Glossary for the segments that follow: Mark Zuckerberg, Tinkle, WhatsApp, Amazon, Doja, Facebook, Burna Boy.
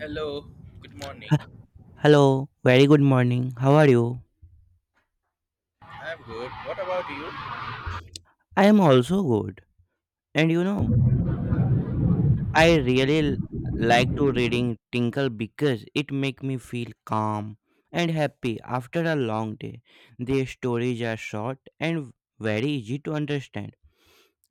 Hello, good H- morning. Hello, very good morning. How are you? I'm good. What about you? I am also good. And you know, I really l- like to reading Tinkle because it make me feel calm and happy after a long day. Their stories are short and very easy to understand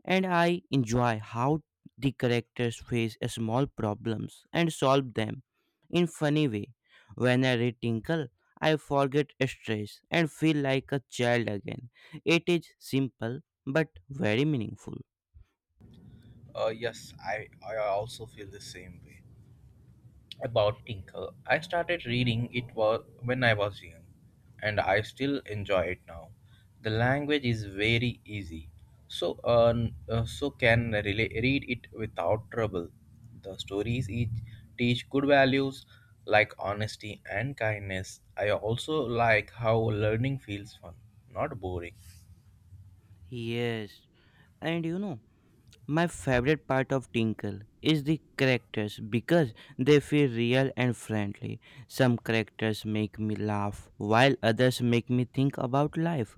and I enjoy how the characters face small problems and solve them in funny way. When I read Tinkle, I forget stress and feel like a child again. It is simple but very meaningful. Yes, I also feel the same way. About Tinker, I started reading it was when I was young, and I still enjoy it now. The language is very easy, so so can read it without trouble. The stories each teach good values like honesty and kindness. I also like how learning feels fun, not boring. Yes, and you know, my favorite part of Tinkle is the characters because they feel real and friendly. Some characters make me laugh while others make me think about life.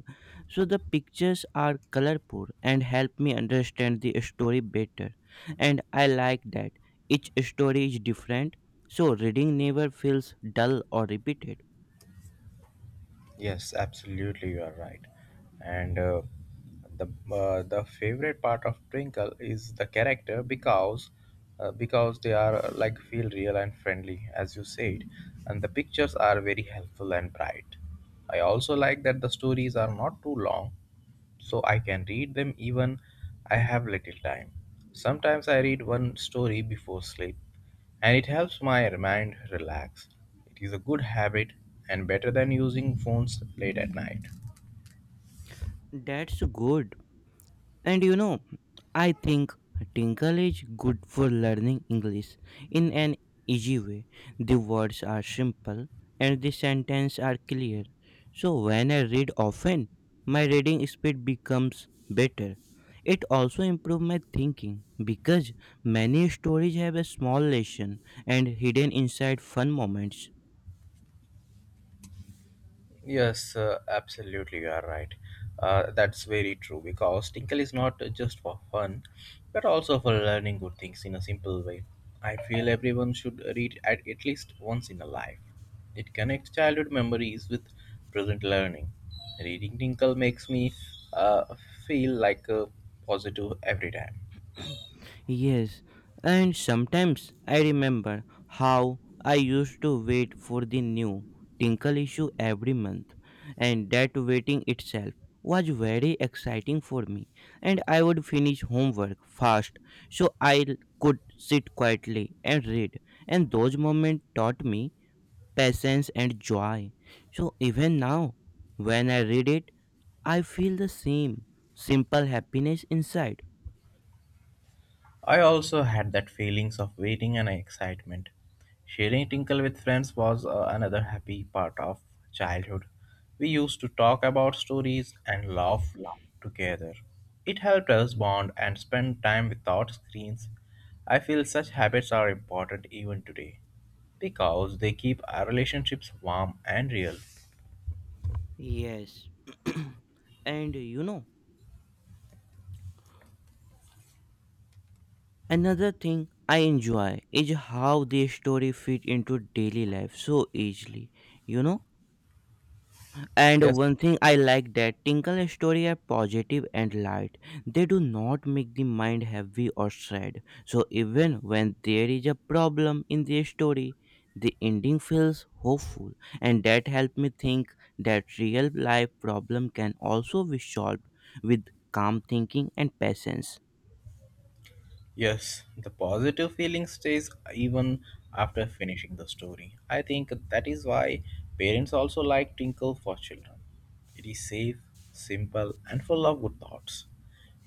So the pictures are colorful and help me understand the story better. And I like that each story is different so reading never feels dull or repeated. Yes, absolutely, you are right. And the The favorite part of Twinkle is the character because they are like feel real and friendly, as you said, and the pictures are very helpful and bright. I also like that the stories are not too long, so I can read them even I have little time. Sometimes I read one story before sleep and it helps my mind relax. It is a good habit and better than using phones late at night. That's good. And you know, I think Tinkle is good for learning English in an easy way. The words are simple and the sentences are clear. So when I read often, my reading speed becomes better. It also improves my thinking because many stories have a small lesson and hidden inside fun moments. Yes, absolutely, you are right. That's very true because Tinkle is not just for fun, but also for learning good things in a simple way. I feel everyone should read at least once in a life. It connects childhood memories with present learning. Reading Tinkle makes me uh, feel like a positive every time. Yes, and sometimes I remember how I used to wait for the new Tinkle issue every month, and that waiting itself was very exciting for me. And I would finish homework fast so could sit quietly and read, and those moments taught me patience and joy. So even now, when I read it, I feel the same simple happiness inside. I also had that feelings of waiting and excitement. Sharing Tinkle with friends was another happy part of childhood. We used to talk about stories and laugh together. It helped us bond and spend time without screens. I feel such habits are important even today because they keep our relationships warm and real. Yes, and you know, another thing I enjoy is how their story fit into daily life so easily, you know. And Yes. one thing I like that Tinkle story are positive and light. They do not make the mind heavy or sad. So even when there is a problem in their story, the ending feels hopeful, and that helped me think that real life problem can also be solved with calm thinking and patience. Yes, the positive feeling stays even after finishing the story. I think that is why parents also like Tinkle for children. It is safe, simple, and full of good thoughts.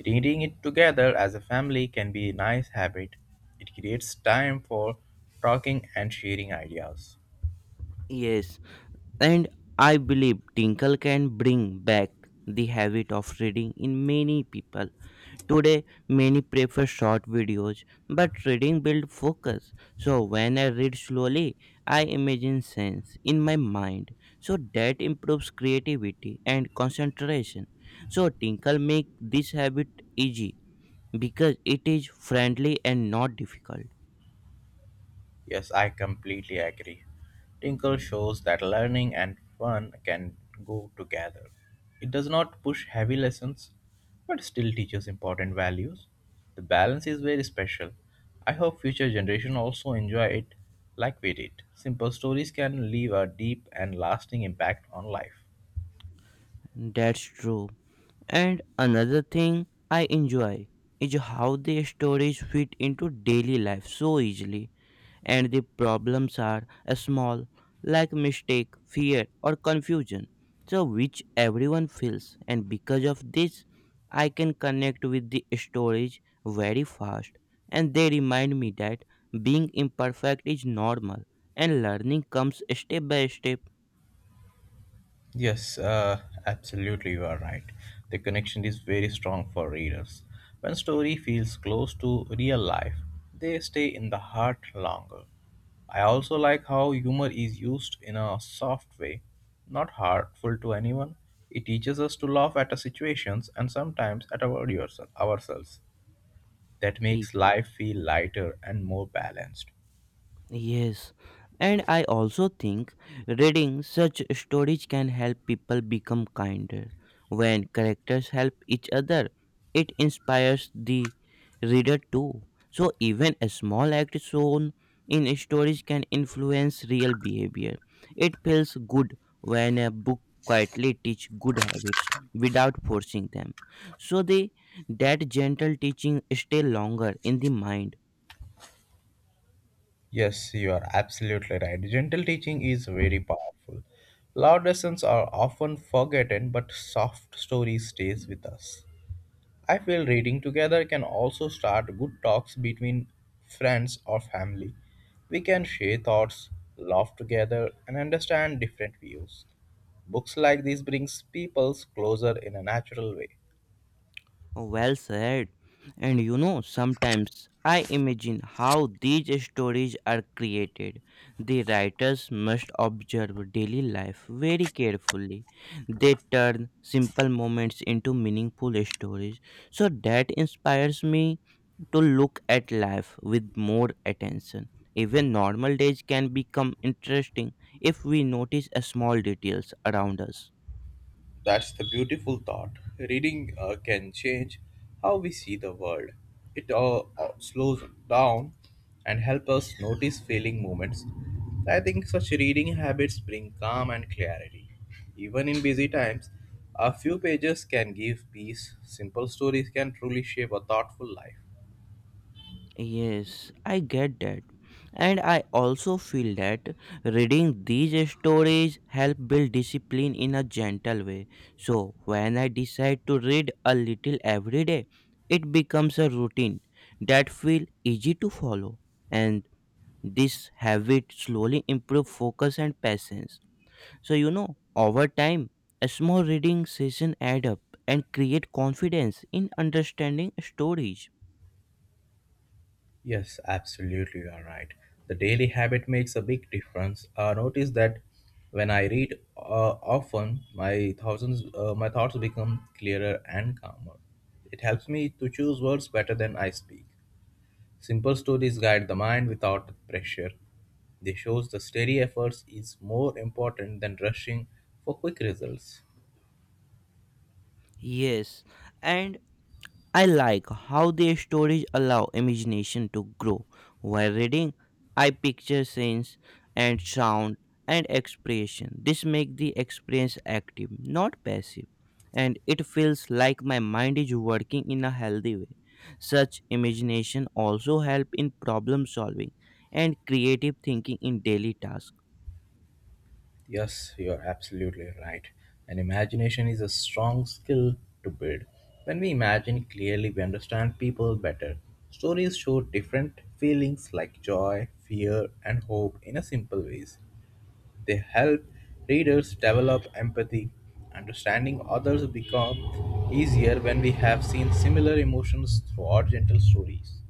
Reading it together as a family can be a nice habit. It creates time for talking and sharing ideas. Yes, and I believe Tinkle can bring back the habit of reading in many people. Today, many prefer short videos, but reading builds focus. So, when I read slowly, I imagine scenes in my mind. So, that improves creativity and concentration. So, Tinkle make this habit easy because it is friendly and not difficult. Yes, I completely agree. Tinkle shows that learning and fun can go together. It does not push heavy lessons, but still teaches important values. The balance is very special. I hope future generation also enjoy it like we did. Simple stories can leave a deep and lasting impact on life. That's true. And another thing I enjoy is how the stories fit into daily life so easily, and the problems are small, like mistake, fear, or confusion, so which everyone feels. And because of this, I can connect with the stories very fast, and they remind me that being imperfect is normal and learning comes step by step. Yes, absolutely, you are right. The connection is very strong for readers. When story feels close to real life, they stay in the heart longer. I also like how humor is used in a soft way, not harmful to anyone. It teaches us to laugh at our situations and sometimes at our yourself, ourselves. That makes life feel lighter and more balanced. Yes, and I also think reading such stories can help people become kinder. When characters help each other, it inspires the reader too. So, even a small act shown in stories can influence real behavior. It feels good when a book quietly teach good habits without forcing them so they that gentle teaching stay longer in the mind. Yes, you are absolutely right. Gentle teaching is very powerful. Loud lessons are often forgotten, but soft story stays with us. I feel reading together can also start good talks between friends or family. We can share thoughts, laugh together, and understand different views. Books like these brings people closer in a natural way. Well said. And you know, sometimes I imagine how these stories are created. The writers must observe daily life very carefully. They turn simple moments into meaningful stories. So that inspires me to look at life with more attention. Even normal days can become interesting if we notice a small details around us. That's the beautiful thought. Reading can change how we see the world. It slows down and helps us notice feeling moments. I think such reading habits bring calm and clarity. Even in busy times, a few pages can give peace. Simple stories can truly shape a thoughtful life. Yes, I get that. And I also feel that reading these stories help build discipline in a gentle way. So when I decide to read a little every day, it becomes a routine that feel easy to follow. And this habit slowly improve focus and patience. So you know, over time, a small reading session add up and create confidence in understanding stories. Yes, absolutely, you are right. The daily habit makes a big difference. I notice that when I read often, my thoughts become clearer and calmer. It helps me to choose words better than I speak. Simple stories guide the mind without pressure. They shows the steady efforts is more important than rushing for quick results. Yes, and I like how their stories allow imagination to grow. While reading, I picture scenes and sound and expression. This makes the experience active, not passive, and it feels like my mind is working in a healthy way. Such imagination also help in problem solving and creative thinking in daily tasks. Yes, you're absolutely right. And imagination is a strong skill to build. When we imagine clearly, we understand people better. Stories show different feelings like joy, fear, and hope in a simple ways. They help readers develop empathy. Understanding others become easier when we have seen similar emotions throughout gentle stories.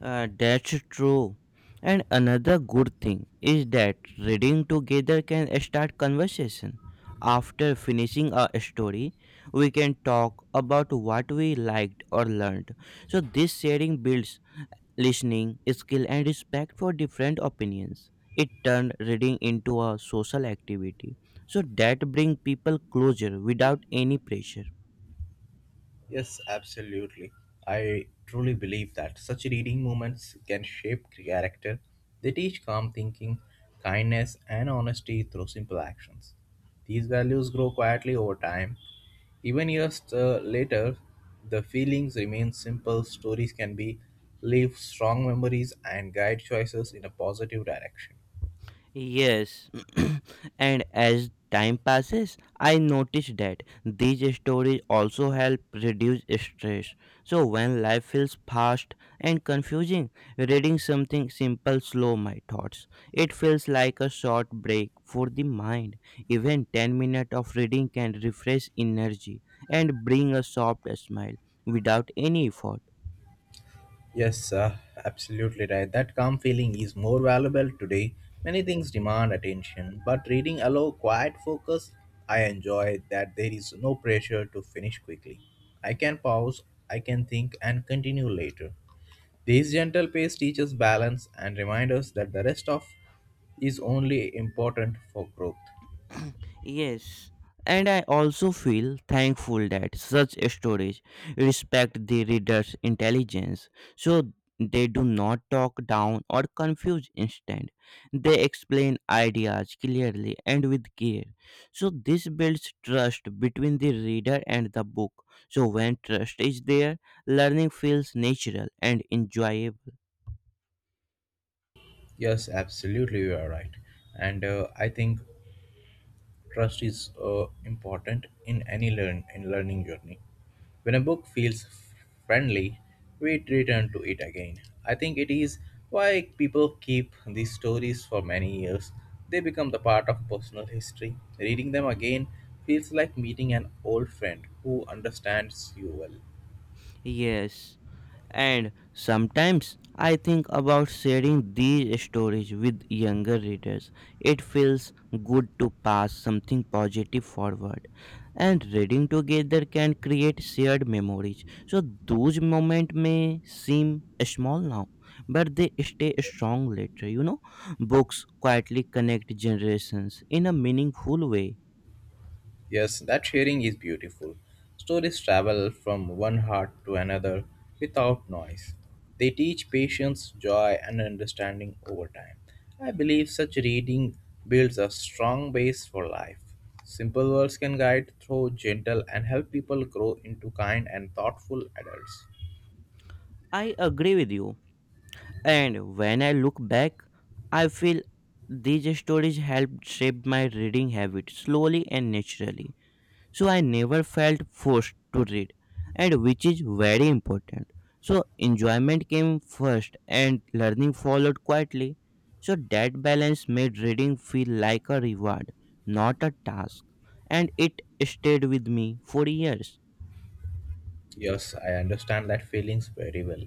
That's true. And another good thing is that reading together can start conversation. After finishing a story, we can talk about what we liked or learned. So this sharing builds listening skill and respect for different opinions. It turned reading into a social activity. So that brings people closer without any pressure. Yes, absolutely. I truly believe that such reading moments can shape character. They teach calm thinking, kindness, and honesty through simple actions. These values grow quietly over time. Even years later, the feelings remain simple. Stories can be leave strong memories and guide choices in a positive direction. Yes, and as time passes, I noticed that these stories also help reduce stress. So, when life feels fast and confusing, reading something simple slows my thoughts. It feels like a short break for the mind. Even 10 minutes of reading can refresh energy and bring a soft smile without any effort. Yes, absolutely right. That calm feeling is more valuable today. Many things demand attention, but reading allow quiet focus. I enjoy that there is no pressure to finish quickly. I can pause, I can think, and continue later. This gentle pace teaches balance and reminds us that the rest of is only important for growth. Yes, and I also feel thankful that such stories respect the reader's intelligence so they do not talk down or confuse instant. They explain ideas clearly and with care. So this builds trust between the reader and the book. So when trust is there, learning feels natural and enjoyable. Yes, absolutely, you are right. And I think Trust is important in any learning journey. When a book feels friendly, we return to it again. I think it is why people keep these stories for many years. They become the part of personal history. Reading them again feels like meeting an old friend who understands you well. Yes. And sometimes I think about sharing these stories with younger readers. It feels good to pass something positive forward, and reading together can create shared memories. So those moments may seem small now, but they stay strong later. You know, books quietly connect generations in a meaningful way. Yes, that sharing is beautiful. Stories travel from one heart to another without noise. They teach patience, joy, and understanding over time. I believe such reading builds a strong base for life. Simple words can guide through gentle and help people grow into kind and thoughtful adults. I agree with you. And when I look back, I feel these stories helped shape my reading habit slowly and naturally. So I never felt forced to read, and which is very important. So enjoyment came first and learning followed quietly. So that balance made reading feel like a reward, not a task. And it stayed with me for years. Yes, I understand that feelings very well.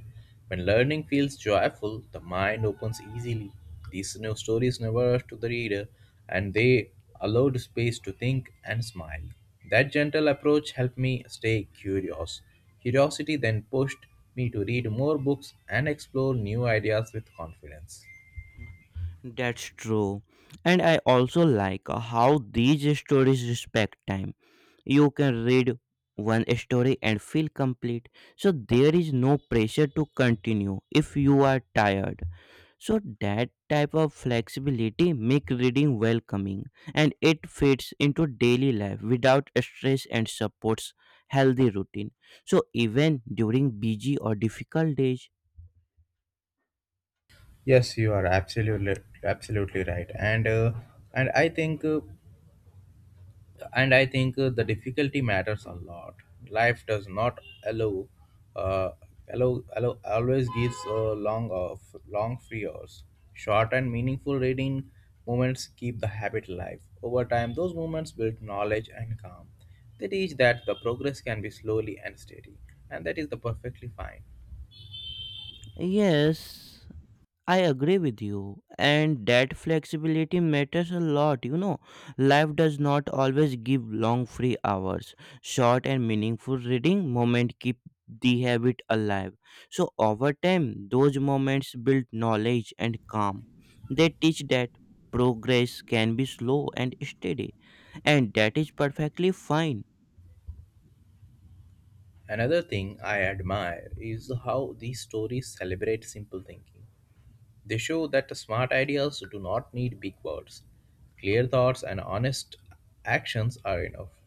When learning feels joyful, the mind opens easily. These new stories never rush to the reader, and they allowed space to think and smile. That gentle approach helped me stay curious. Curiosity then pushed me to read more books and explore new ideas with confidence. That's true. And I also like how these stories respect time. You can read one story and feel complete so there is no pressure to continue if you are tired so that type of flexibility make reading welcoming and it fits into daily life without stress and supports healthy routine so even during busy or difficult days. Yes, you are absolutely right, and I think. Uh, and I think the difficulty matters a lot. Life does not allow, uh, always gives long free hours. Short and meaningful reading moments keep the habit alive. Over time, those moments build knowledge and calm. They teach that the progress can be slowly and steady, and that is the perfectly fine. Yes, I agree with you, and that flexibility matters a lot. You know, life does not always give long free hours. Short and meaningful reading moment keep the habit alive. So over time, those moments build knowledge and calm. They teach that progress can be slow and steady, and that is perfectly fine. Another thing I admire is how these stories celebrate simple thinking. They show that smart ideas do not need big words. Clear thoughts and honest actions are enough.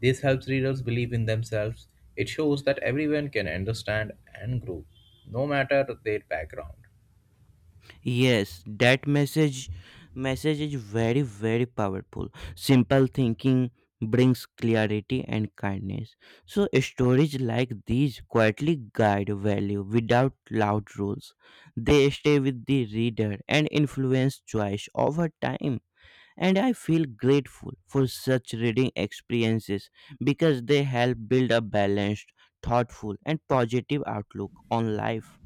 This helps readers believe in themselves. It shows that everyone can understand and grow, no matter their background. Yes, that message is very powerful. Simple thinking brings clarity and kindness. So stories like these quietly guide value without loud rules. They stay with the reader and influence choice over time. And I feel grateful for such reading experiences because they help build a balanced, thoughtful and positive outlook on life.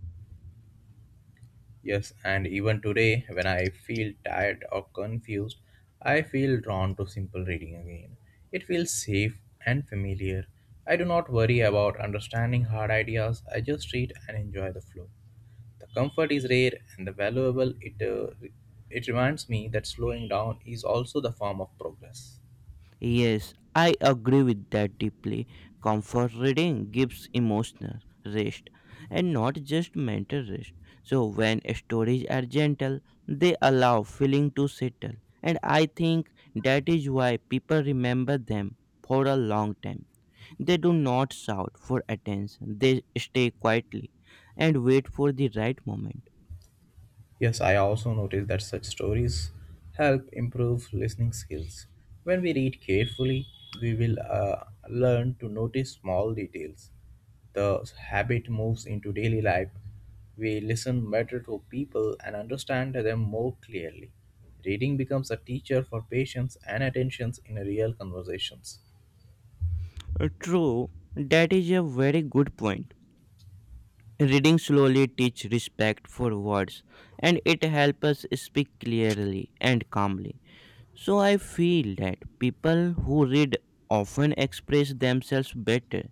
Yes, and even today, when I feel tired or confused, I feel drawn to simple reading again. It feels safe and familiar. I do not worry about understanding hard ideas, I just read and enjoy the flow. The comfort is rare and the valuable. It reminds me that slowing down is also the form of progress. Yes, I agree with that deeply. Comfort reading gives emotional rest and not just mental rest. So, when stories are gentle, they allow feeling to settle, and I think that is why people remember them for a long time. They do not shout for attention, they stay quietly and wait for the right moment. Yes, I also noticed that such stories help improve listening skills. When we read carefully, we will learn to notice small details. The habit moves into daily life. We listen better to people and understand them more clearly. Reading becomes a teacher for patience and attention in real conversations. True, that is a very good point. Reading slowly teach respect for words and it helps us speak clearly and calmly. So I feel that people who read often express themselves better.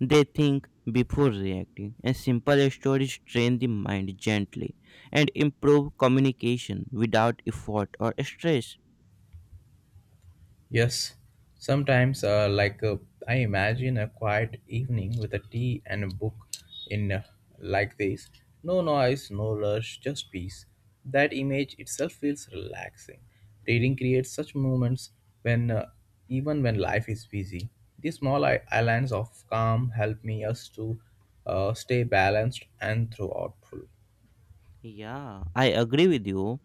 They think before reacting and simple stories train the mind gently and improve communication without effort or stress. Yes, sometimes, I imagine a quiet evening with a tea and a book in like this. No noise, no rush, just peace. That image itself feels relaxing. Reading creates such moments when even when life is busy. These small islands of calm help me us to stay balanced and throughout full. Yeah, I agree with you.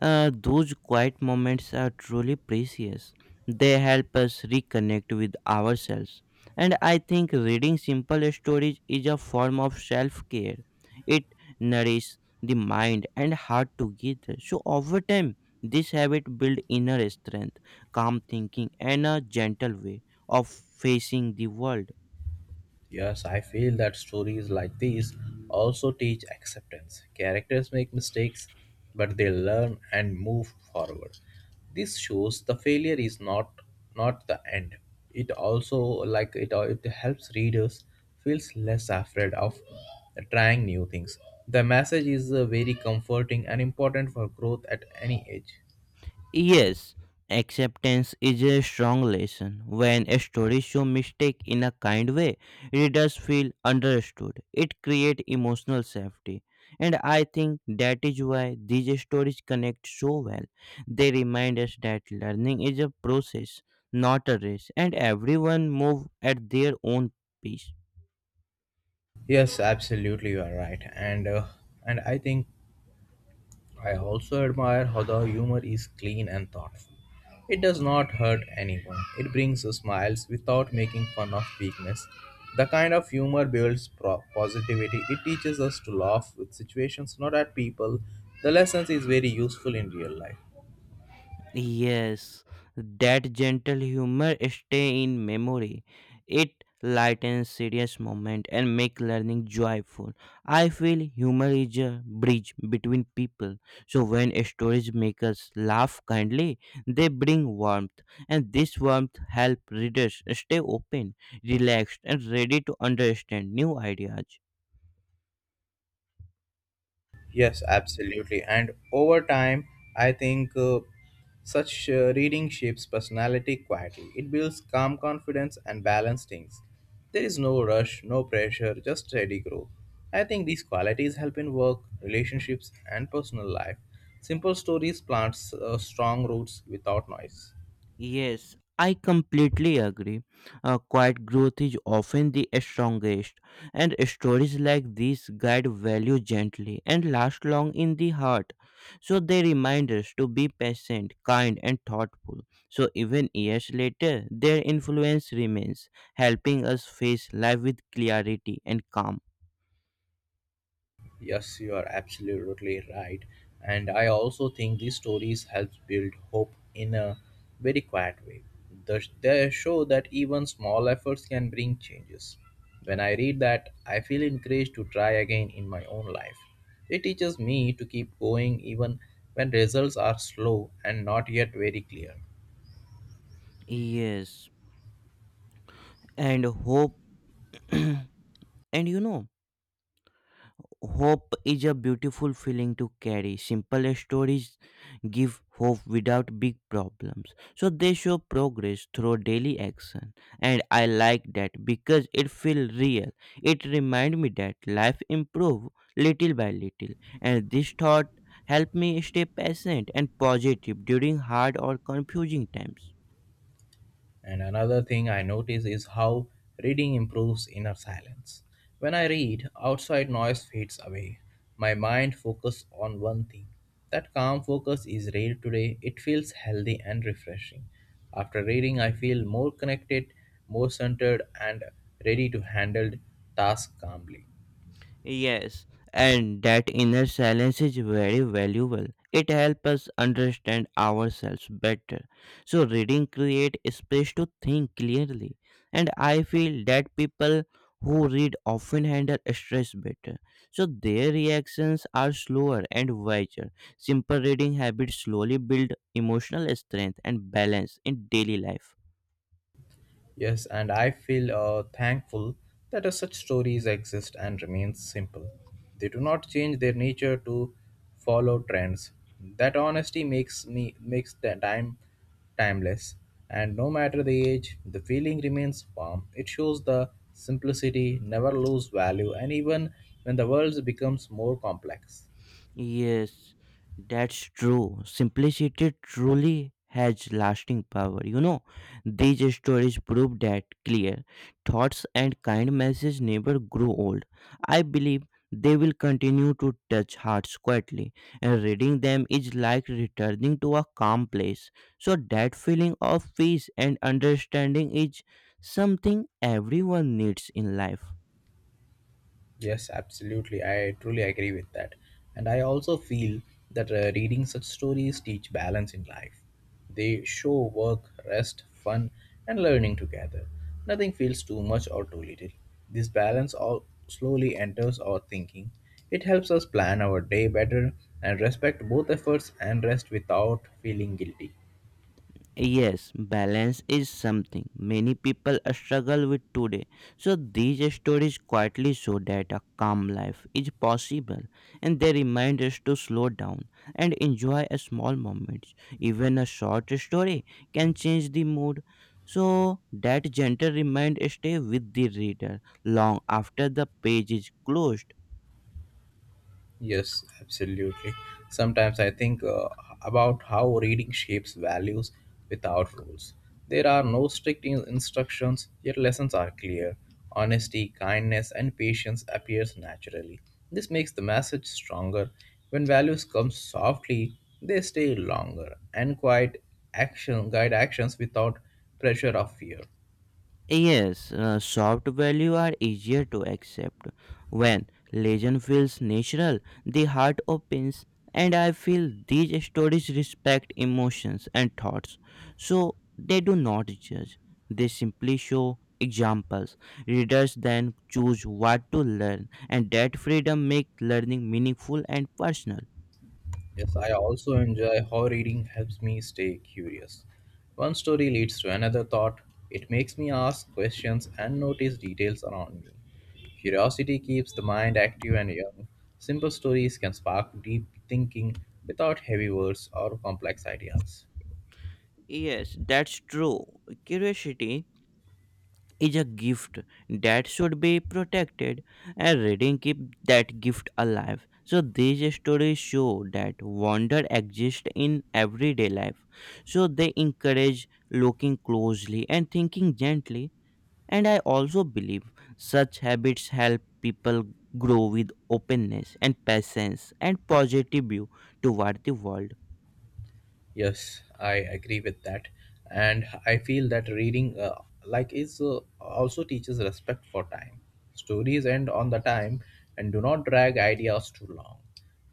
Those quiet moments are truly precious. They help us reconnect with ourselves. And I think reading simple stories is a form of self care. It nourishes the mind and heart together. So, over time, this habit builds inner strength, calm thinking, and a gentle way of facing the world. Yes, I feel that stories like these also teach acceptance. Characters make mistakes, but they learn and move forward. This shows the failure is not the end. It also like it helps readers feels less afraid of trying new things. The message is very comforting and important for growth at any age. Yes, acceptance is a strong lesson. When a story shows mistake in a kind way, readers feel understood. It creates emotional safety. And I think that is why these stories connect so well. They remind us that learning is a process, not a race, and everyone move at their own pace. Yes, absolutely, you are right, and I think I also admire how the humor is clean and thoughtful. It does not hurt anyone. It brings smiles without making fun of weakness. The kind of humor builds positivity. It teaches us to laugh with situations, not at people. The lesson is very useful in real life. Yes, that gentle humor stay in memory. It lightens serious moment and make learning joyful. I feel humor is a bridge between people. So when stories make us laugh kindly, they bring warmth, and this warmth help readers stay open, relaxed, and ready to understand new ideas. Yes, absolutely. And over time, I think such reading shapes personality quietly. It builds calm confidence and balanced things. There is no rush, no pressure, just steady growth. I think these qualities help in work, relationships, and personal life. Simple stories plants strong roots without noise. Yes, I completely agree. Quiet growth is often the strongest, and stories like these guide value gently and last long in the heart. So they remind us to be patient, kind, and thoughtful. So even years later, their influence remains, helping us face life with clarity and calm. Yes, you are absolutely right. And I also think these stories help build hope in a very quiet way. They show that even small efforts can bring changes. When I read that, I feel encouraged to try again in my own life. It teaches me to keep going even when results are slow and not yet very clear. Yes, and hope. And you know, hope is a beautiful feeling to carry. Simple stories give hope without big problems. So they show progress through daily action. And I like that because it feels real. It reminds me that life improves little by little. And this thought helped me stay patient and positive during hard or confusing times. And another thing I notice is how reading improves inner silence. When I read, outside noise fades away. My mind focuses on one thing. That calm focus is rare today. It feels healthy and refreshing. After reading, I feel more connected, more centered, and ready to handle tasks calmly. Yes, and that inner silence is very valuable. It helps us understand ourselves better. So reading create space to think clearly, and I feel that people who read often handle stress better. So their reactions are slower and wiser. Simple reading habits slowly build emotional strength and balance in daily life. Yes, and I feel thankful that such stories exist and remain simple. They do not change their nature to follow trends. That honesty makes the time timeless, and no matter the age, the feeling remains warm. It shows the simplicity never lose value, and even when the world becomes more complex. Yes, that's true. Simplicity truly has lasting power. You know, these stories prove that clear thoughts and kind messages never grow old. I believe they will continue to touch hearts quietly, and reading them is like returning to a calm place. So, that feeling of peace and understanding is something everyone needs in life. Yes, absolutely. I truly agree with that. And I also feel that reading such stories teach balance in life. They show work, rest, fun, and learning together. Nothing feels too much or too little. This balance all slowly enters our thinking. It helps us plan our day better and respect both efforts and rest without feeling guilty. Yes, balance is something many people struggle with today. So these stories quietly show that a calm life is possible, and they remind us to slow down and enjoy a small moments. Even a short story can change the mood. So that gentle reminder stay with the reader long after the page is closed. Yes, absolutely. Sometimes I think about how reading shapes values without rules. There are no strict instructions, yet lessons are clear. Honesty, kindness, and patience appears naturally. This makes the message stronger. When values come softly, they stay longer and quiet action guide actions without pressure of fear. Yes, soft values are easier to accept. When legend feels natural, the heart opens, and I feel these stories respect emotions and thoughts. So they do not judge, they simply show examples. Readers then choose what to learn, and that freedom makes learning meaningful and personal. Yes, I also enjoy how reading helps me stay curious. One story leads to another thought. It makes me ask questions and notice details around me. Curiosity keeps the mind active and young. Simple stories can spark deep thinking without heavy words or complex ideas. Yes, that's true. Curiosity is a gift that should be protected, and reading keep that gift alive. So these stories show that wonder exists in everyday life, so they encourage looking closely and thinking gently. And I also believe such habits help people grow with openness and patience and positive view toward the world. Yes, I agree with that. And I feel that reading like is also teaches respect for time. Stories end on the time and do not drag ideas too long.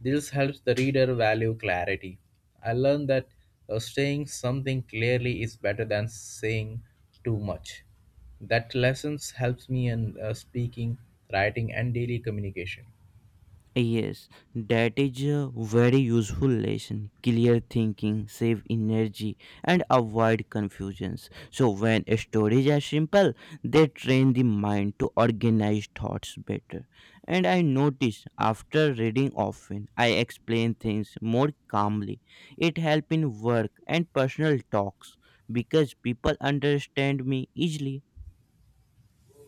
This helps the reader value clarity. I learned that saying something clearly is better than saying too much. That lessons helps me in speaking, writing and daily communication. Yes, that is a very useful lesson. Clear thinking, save energy, and avoid confusions. So, when stories are simple, they train the mind to organize thoughts better. And I notice after reading often, I explain things more calmly. It helps in work and personal talks because people understand me easily.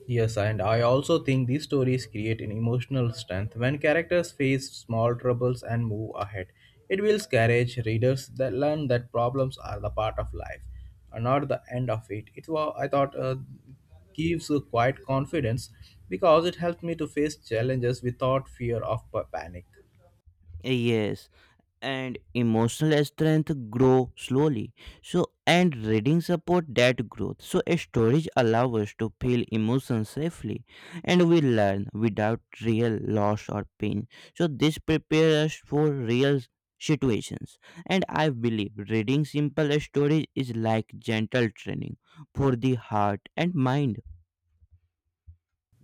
Yes, and I also think these stories create an emotional strength. When characters face small troubles and move ahead, it will encourage readers that learn that problems are the part of life, and not the end of it. It was I thought gives a quiet confidence because it helped me to face challenges without fear of panic. Yes, and emotional strength grow slowly, so and reading support that growth. So storage allows us to feel emotions safely, and we learn without real loss or pain. So this prepares us for real situations, and I believe reading simple storage is like gentle training for the heart and mind.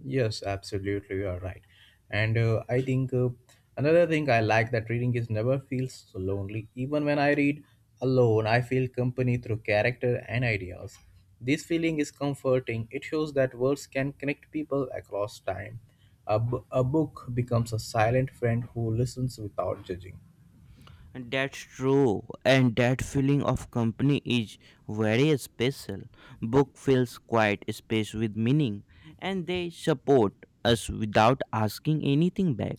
Yes, absolutely, you are right. And I think another thing I like that reading is never feels so lonely. Even when I read alone, I feel company through character and ideas. This feeling is comforting. It shows that words can connect people across time. A book becomes a silent friend who listens without judging. That's true, and that feeling of company is very special. Book fills quiet space with meaning, and they support us without asking anything back.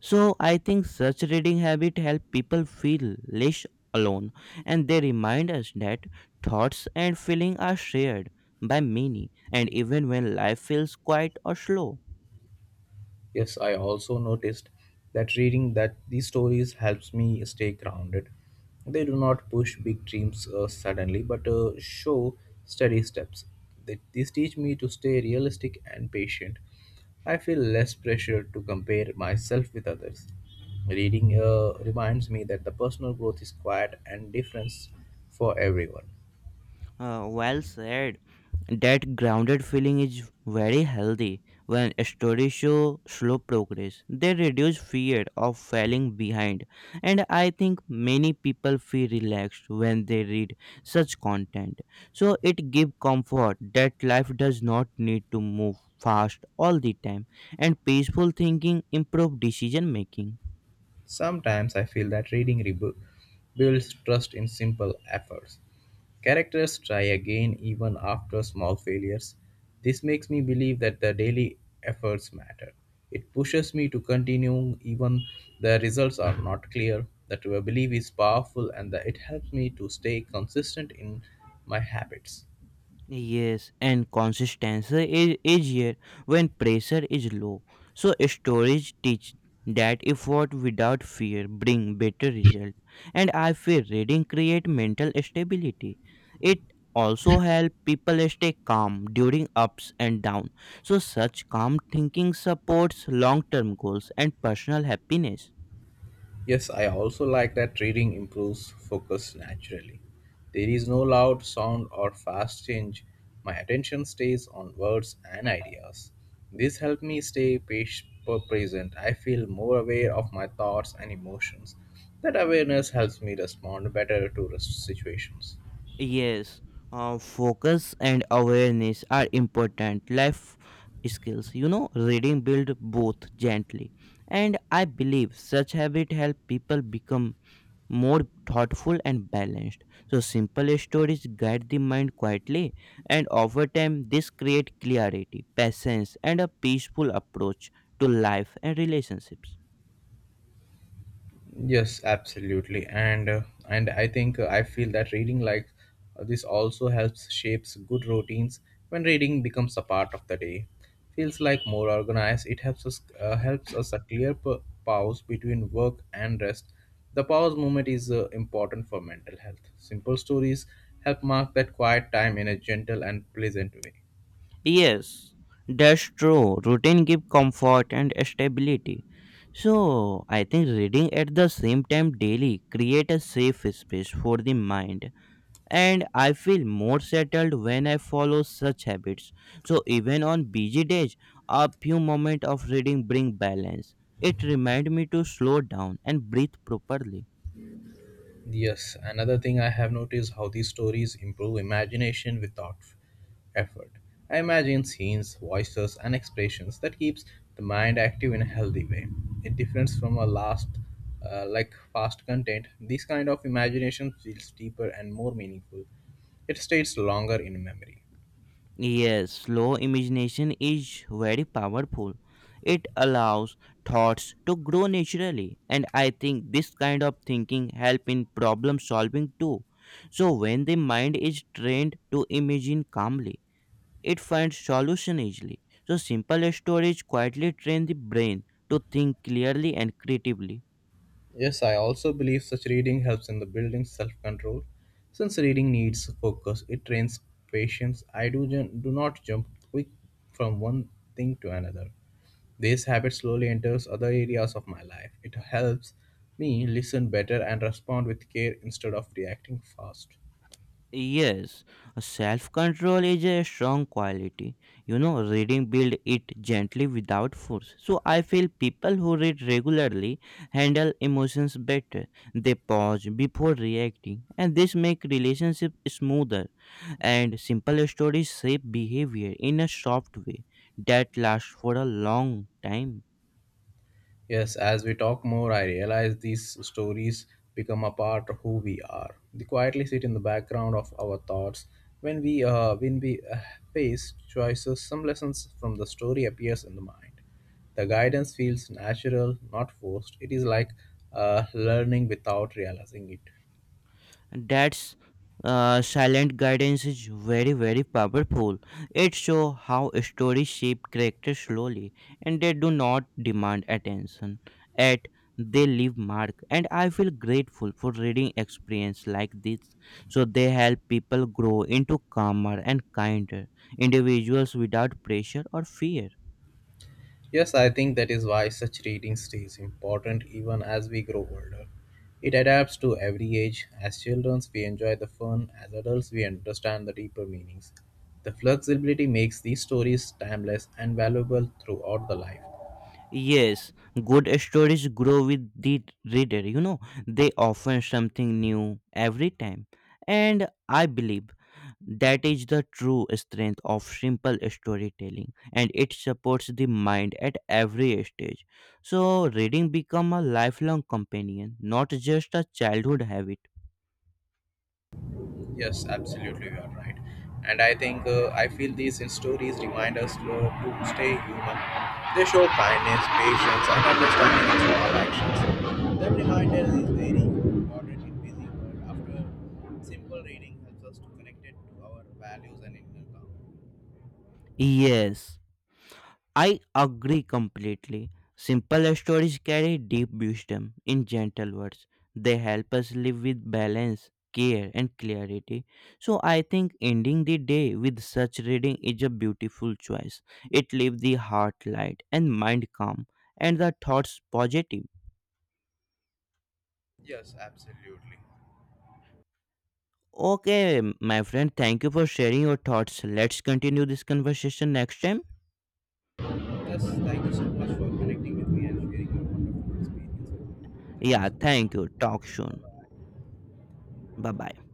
So I think such reading habit help people feel less alone, and they remind us that thoughts and feeling are shared by many, and even when life feels quiet or slow. Yes, I also noticed that reading that these stories helps me stay grounded. They do not push big dreams suddenly, but show steady steps. These teach me to stay realistic and patient. I feel less pressure to compare myself with others. Reading reminds me that the personal growth is quiet and different for everyone. Well said. That grounded feeling is very healthy. When stories show slow progress, they reduce fear of falling behind. And I think many people feel relaxed when they read such content. So it gives comfort that life does not need to move fast all the time. And peaceful thinking improve decision making. Sometimes I feel that builds trust in simple efforts. Characters try again even after small failures. This makes me believe that the daily efforts matter. It pushes me to continue even the results are not clear. That belief is powerful and that it helps me to stay consistent in my habits. Yes, and consistency is easier when pressure is low. So storage teach that effort without fear bring better result. And I feel reading create mental stability. It also help people stay calm during ups and down. So such calm thinking supports long term goals and personal happiness. Yes, I also like that reading improves focus naturally. There is no loud sound or fast change. My attention stays on words and ideas. This helps me stay patient, present. I feel more aware of my thoughts and emotions. That awareness helps me respond better to situations. Yes, focus and awareness are important life skills. You know, reading build both gently, and I believe such habit help people become more thoughtful and balanced. So simple stories guide the mind quietly, and over time this create clarity, patience, and a peaceful approach to life and relationships. Yes, absolutely, and I think I feel that reading this also helps shapes good routines. When reading becomes a part of the day, feels like more organized. It helps us a clear pause between work and rest. The pause moment is important for mental health. Simple stories help mark that quiet time in a gentle and pleasant way. Yes, that's true. Routine give comfort and stability. So I think reading at the same time daily create a safe space for the mind, and I feel more settled when I follow such habits. So even on busy days, a few moments of reading bring balance. It remind me to slow down and breathe properly. Yes, another thing I have noticed how these stories improve imagination without effort. I imagine scenes, voices, and expressions that keeps the mind active in a healthy way. It differs from a last, fast content. This kind of imagination feels deeper and more meaningful. It stays longer in memory. Yes, slow imagination is very powerful. It allows thoughts to grow naturally, and I think this kind of thinking help in problem solving too. So when the mind is trained to imagine calmly, it finds solution easily. So simple stories quietly train the brain to think clearly and creatively. Yes, I also believe such reading helps in the building self control. Since reading needs focus, it trains patience. Do not jump quick from one thing to another. This habit slowly enters other areas of my life. It helps me listen better and respond with care instead of reacting fast. Yes, self control is a strong quality. You know, reading build it gently without force. So I feel people who read regularly handle emotions better. They pause before reacting, and this make relationship smoother. And simple stories shape behavior in a soft way that lasts for a long time. Yes, as we talk more, I realize these stories become a part of who we are. They quietly sit in the background of our thoughts. When we face choices, some lessons from the story appears in the mind. The guidance feels natural, not forced. It is like learning without realizing it. That's silent guidance is very powerful. It shows how stories shape character slowly, and they do not demand attention. At they leave mark, and I feel grateful for reading experience like this. So they help people grow into calmer and kinder individuals without pressure or fear. Yes, I think that is why such reading stays important even as we grow older. It adapts to every age. As children, we enjoy the fun. As adults, we understand the deeper meanings. The flexibility makes these stories timeless and valuable throughout the life. Yes, good stories grow with the reader, you know, they offer something new every time. And I believe that is the true strength of simple storytelling, and it supports the mind at every stage. So reading become a lifelong companion, not just a childhood habit. Yes, absolutely, you are right. And I think I feel these stories remind us to stay human. They show kindness, patience, and understanding in small actions. That reminder is very important in busy world. After simple reading helps us to connect it to our values and inner calm. Yes. I agree completely. Simple stories carry deep wisdom in gentle words. They help us live with balance, care, and clarity. So I think ending the day with such reading is a beautiful choice. It leaves the heart light and mind calm, and the thoughts positive. Yes, absolutely. Okay, my friend, thank you for sharing your thoughts. Let's continue this conversation next time. Yes, thank you so much for connecting with me and sharing your wonderful experience with me. Thank you Yeah, so thank much. you. Take Talk care. soon. Bye Bye bye. bye.